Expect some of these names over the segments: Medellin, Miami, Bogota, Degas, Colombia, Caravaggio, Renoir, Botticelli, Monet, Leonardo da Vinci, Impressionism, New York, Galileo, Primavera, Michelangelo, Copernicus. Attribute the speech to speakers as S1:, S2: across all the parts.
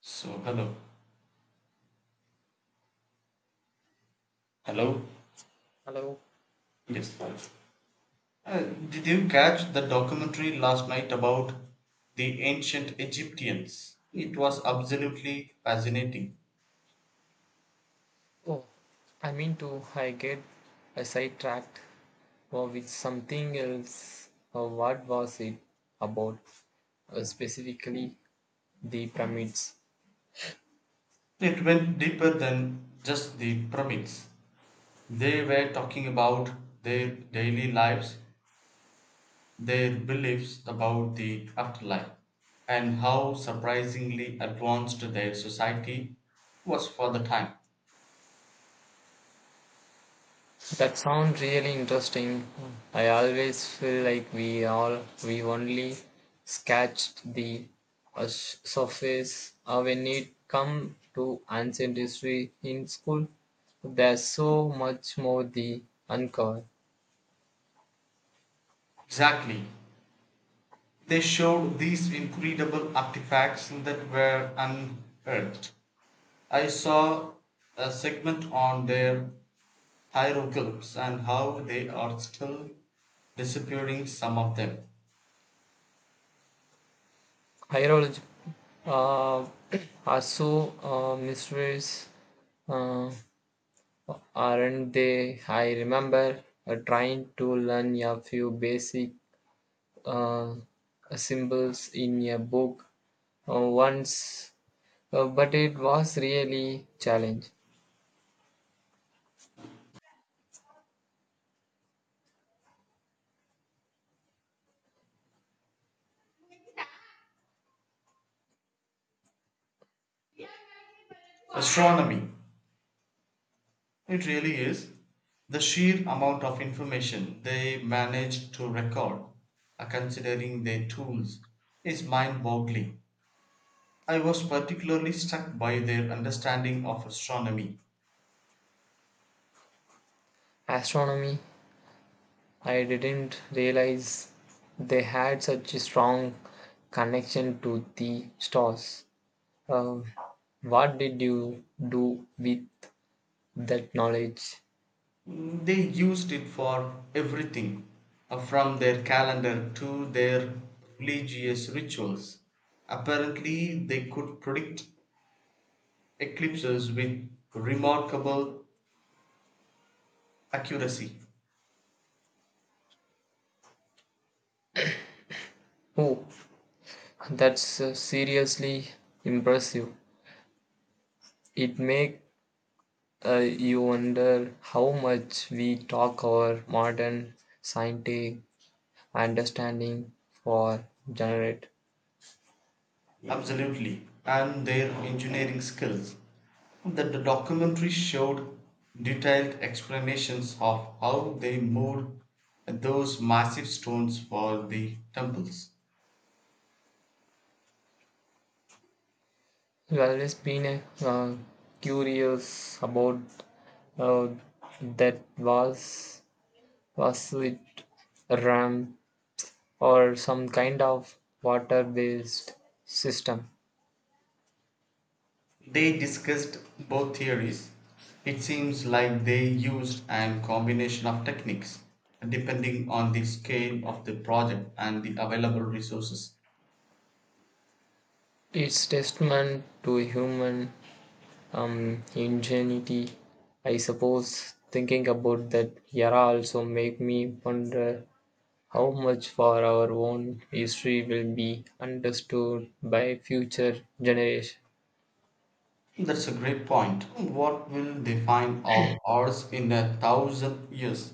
S1: So, hello. Hello?
S2: Hello.
S1: Yes. Uh, did you catch the documentary last night about the ancient Egyptians? It was absolutely fascinating.
S2: Oh, I mean to I get sidetracked with something else. What was it about, specifically the pyramids?
S1: It went deeper than just the pyramids. They were talking about their daily lives, their beliefs about the afterlife, and how surprisingly advanced their society was for the time.
S2: That sounds really interesting. I always feel like we only sketched the surface when it come to ancient history in school. There's so much more the uncover.
S1: Exactly. They showed these incredible artifacts that were unearthed. I saw a segment on their hieroglyphs and how they are still disappearing some of them.
S2: Hierology, uh, are so mysterious, uh, aren't they? I remember trying to learn a few basic uh, symbols in a book once, but it was really challenge.
S1: Astronomy. It really is. The sheer amount of information they managed to record, considering their tools, is mind boggling. I was particularly struck by their understanding of astronomy.
S2: Astronomy, I didn't realize they had such a strong connection to the stars. Um, what did you do with that knowledge?
S1: Mm, they used it for everything from their calendar to their religious rituals. Apparently, they could predict eclipses with remarkable accuracy.
S2: Oh, that's seriously impressive. It makes you wonder how much we talk our modern scientific understanding for generate.
S1: Absolutely. And their engineering skills. That the documentary showed detailed explanations of how they moved those massive stones for the temples.
S2: I've always been curious about, uh, that was it RAM or some kind of water based system.
S1: They discussed both theories. It seems like they used an combination of techniques depending on the scale of the project and the available resources.
S2: It's testament to human ingenuity. I suppose thinking about that era also make me wonder how much for our own history will be understood by future generation.
S1: That's a great point. What will they find of ours in 1,000 years?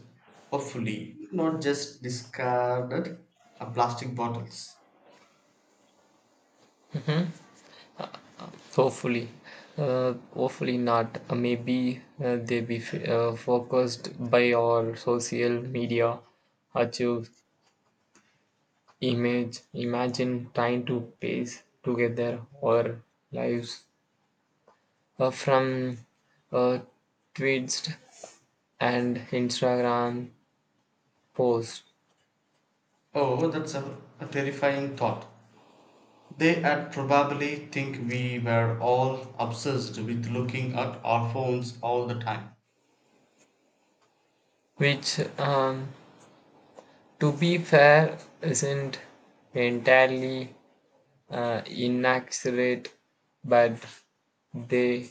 S1: Hopefully, not just discarded plastic bottles.
S2: Hopefully, hopefully not. Maybe they be focused by our social media achieve. Imagine trying to piece together our lives from a tweets and Instagram posts,
S1: Oh, that's a terrifying thought. They had probably think we were all obsessed with looking at our phones all the time.
S2: which, to be fair, isn't entirely inaccurate, but they,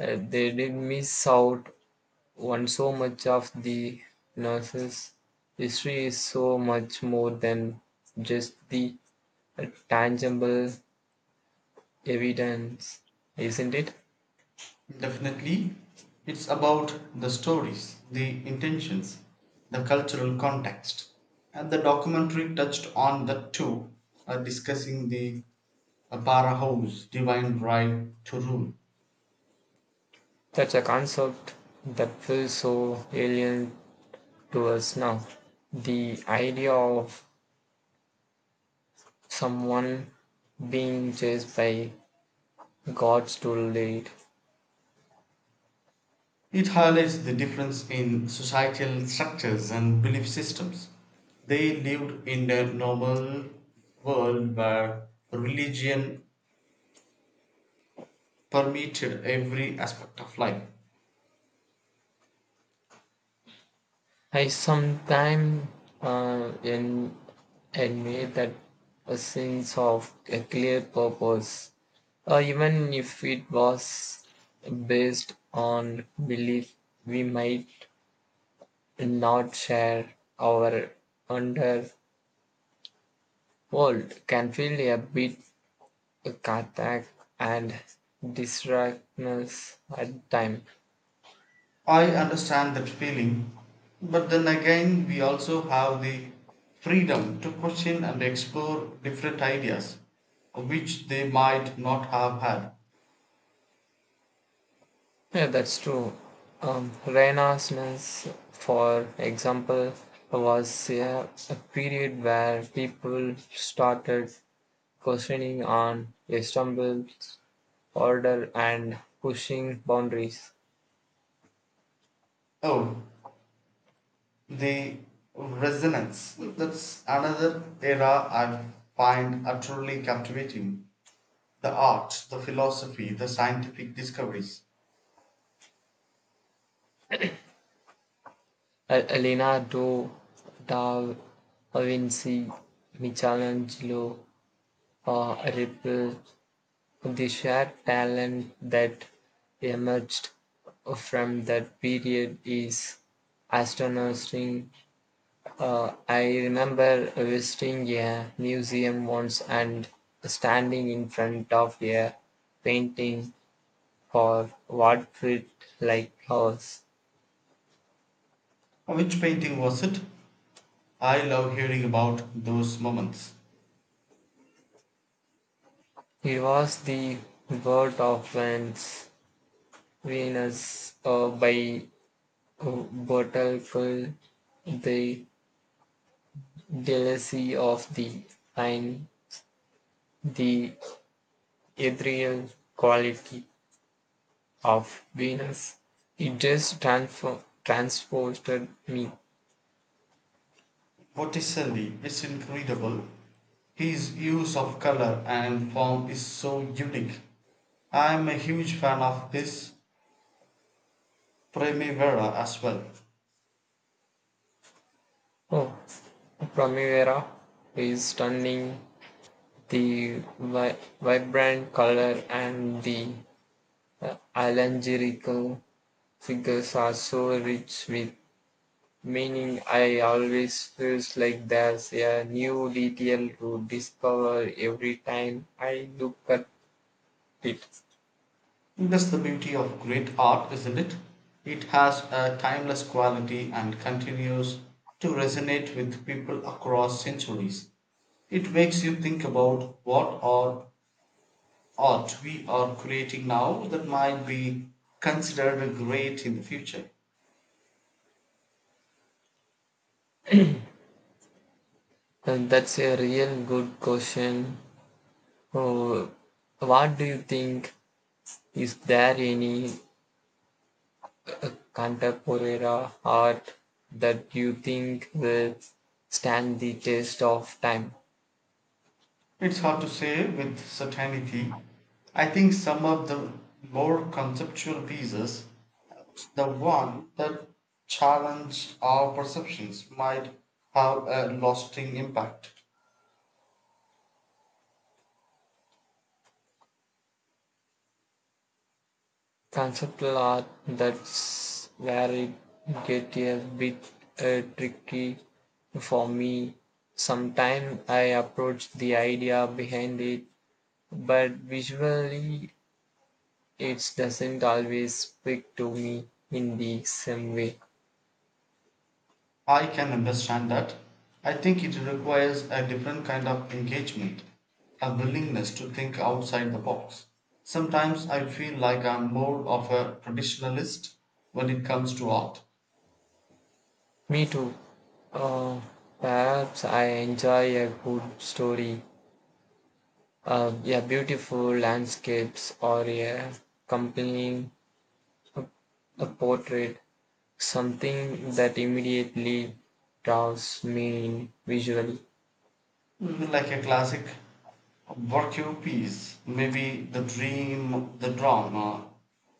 S2: they did miss out one so much of the nurses. History is so much more than just the tangible evidence, isn't it?
S1: Definitely, it's about the stories, the intentions, the cultural context. And the documentary touched on that too, discussing the para house, divine right to rule.
S2: That's a concept that feels so alien to us now, the idea of someone being chased by gods too late.
S1: It highlights the difference in societal structures and belief systems. They lived in a normal world where religion permeated every aspect of life.
S2: I sometimes uh, en- envy that, a sense of a clear purpose, even if it was based on belief, we might not share. Our underworld can feel a bit cathartic and distractness at time.
S1: I understand that feeling, but then again, we also have the freedom to question and explore different ideas which they might not have had.
S2: Yeah, that's true. Renaissance, for example, was a period where people started questioning on Istanbul's order and pushing boundaries.
S1: Oh, the resonance, that's another era I find utterly captivating. The art, the philosophy, the scientific discoveries.
S2: Leonardo da Vinci, Michelangelo, Ripple, the shared talent that emerged from that period is astonishing. I remember visiting a museum once and standing in front of a painting for what felt like hours.
S1: Which painting was it? I love hearing about those moments.
S2: It was the birth of Venus by Botticelli, the delicacy of the fine, the ethereal quality of Venus. It just transported me.
S1: Botticelli is incredible. His use of color and form is so unique. I'm a huge fan of his Primavera as well.
S2: Oh, Primavera is stunning. The vibrant color and the allegorical figures are so rich with meaning. I always feels like there's a new detail to discover every time I look at it.
S1: That's the beauty of great art, isn't it? It has a timeless quality and continues to resonate with people across centuries. It makes you think about what are art we are creating now that might be considered great in the future.
S2: And that's a real good question. Oh, what do you think? Is there any contemporary art that you think will stand the test of time?
S1: It's hard to say with certainty. I think some of the more conceptual pieces, the one that challenged our perceptions might have a lasting impact.
S2: Conceptual art, that's where it gets a bit tricky for me. Sometimes I approach the idea behind it, but visually it doesn't always speak to me in the same way.
S1: I can understand that. I think it requires a different kind of engagement, a willingness to think outside the box. Sometimes I feel like I'm more of a traditionalist when it comes to art.
S2: Me too. Uh, Perhaps I enjoy a good story. Yeah, beautiful landscapes or a compelling a, a portrait, something that immediately draws me in visually.
S1: Mm, like a classic Burkew piece, maybe the dream, the drama,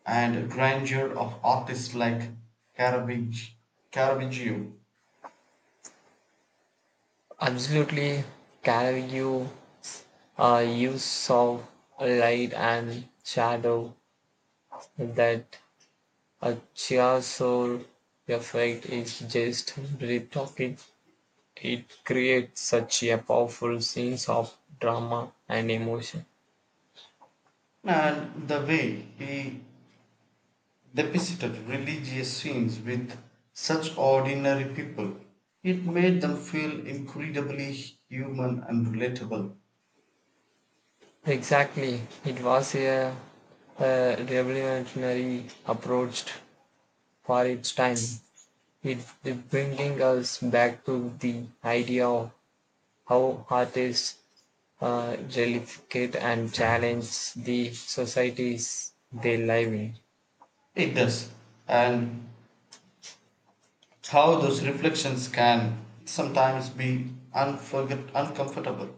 S1: and grandeur of artists like Caravaggio, Caravaggio,
S2: Absolutely, Caravaggio use of light and shadow, that a Chiasso effect is just breathtaking. It creates such a powerful sense of drama and emotion.
S1: and the way he depicted religious scenes with such ordinary people. It made them feel incredibly human and relatable.
S2: Exactly. It was a revolutionary approach for its time. It, it bringing us back to the idea of how artists replicate and challenge the societies they live in.
S1: It does, and how those reflections can sometimes be uncomfortable,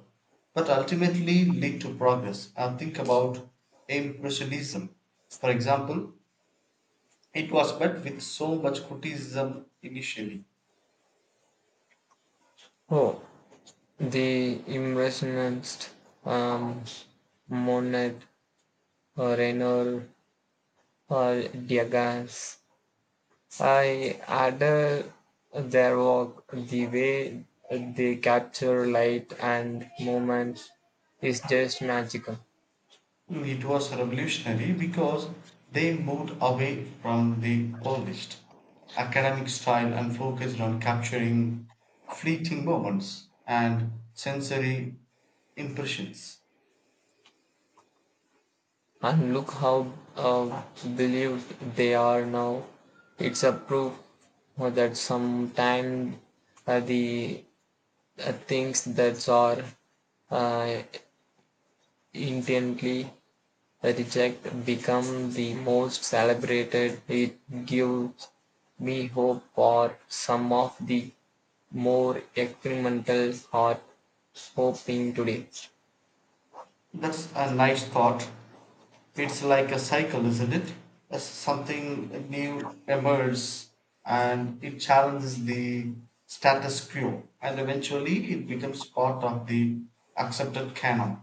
S1: but ultimately lead to progress. And think about Impressionism, for example, it was met with so much criticism initially.
S2: Oh, the Impressionist, um, Monet, Renoir, uh, Degas, I adore their work. The way they capture light and movement is just magical.
S1: It was revolutionary because they moved away from the polished academic style and focused on capturing fleeting moments and sensory impressions.
S2: And look how believed they are now. It's a proof that sometimes, the things that are uh, intently reject become the most celebrated. It gives me hope for some of the more experimental art hoping today.
S1: That's a nice thought. It's like a cycle, isn't it? As something new emerges and it challenges the status quo, and eventually it becomes part of the accepted canon.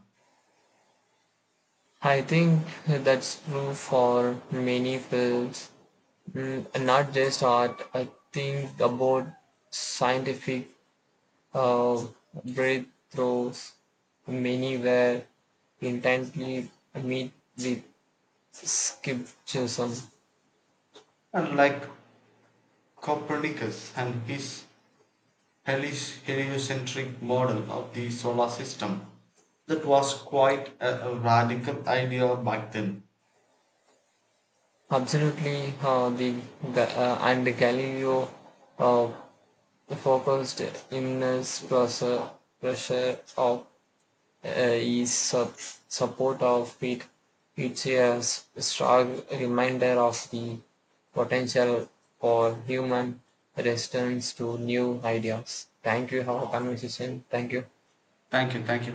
S2: I think that's true for many fields, mm, not just art. I think about scientific uh, breakthroughs, many were intently meet with skepticism.
S1: And like Copernicus and his heli- heliocentric model of the solar system, that was quite a radical idea back then.
S2: Absolutely, the and Galileo uh, focused in his pressure of uh, his su- support of it. It's a strong reminder of the potential for human resistance to new ideas. Thank you. Have a conversation. Thank you.
S1: Thank you, thank you.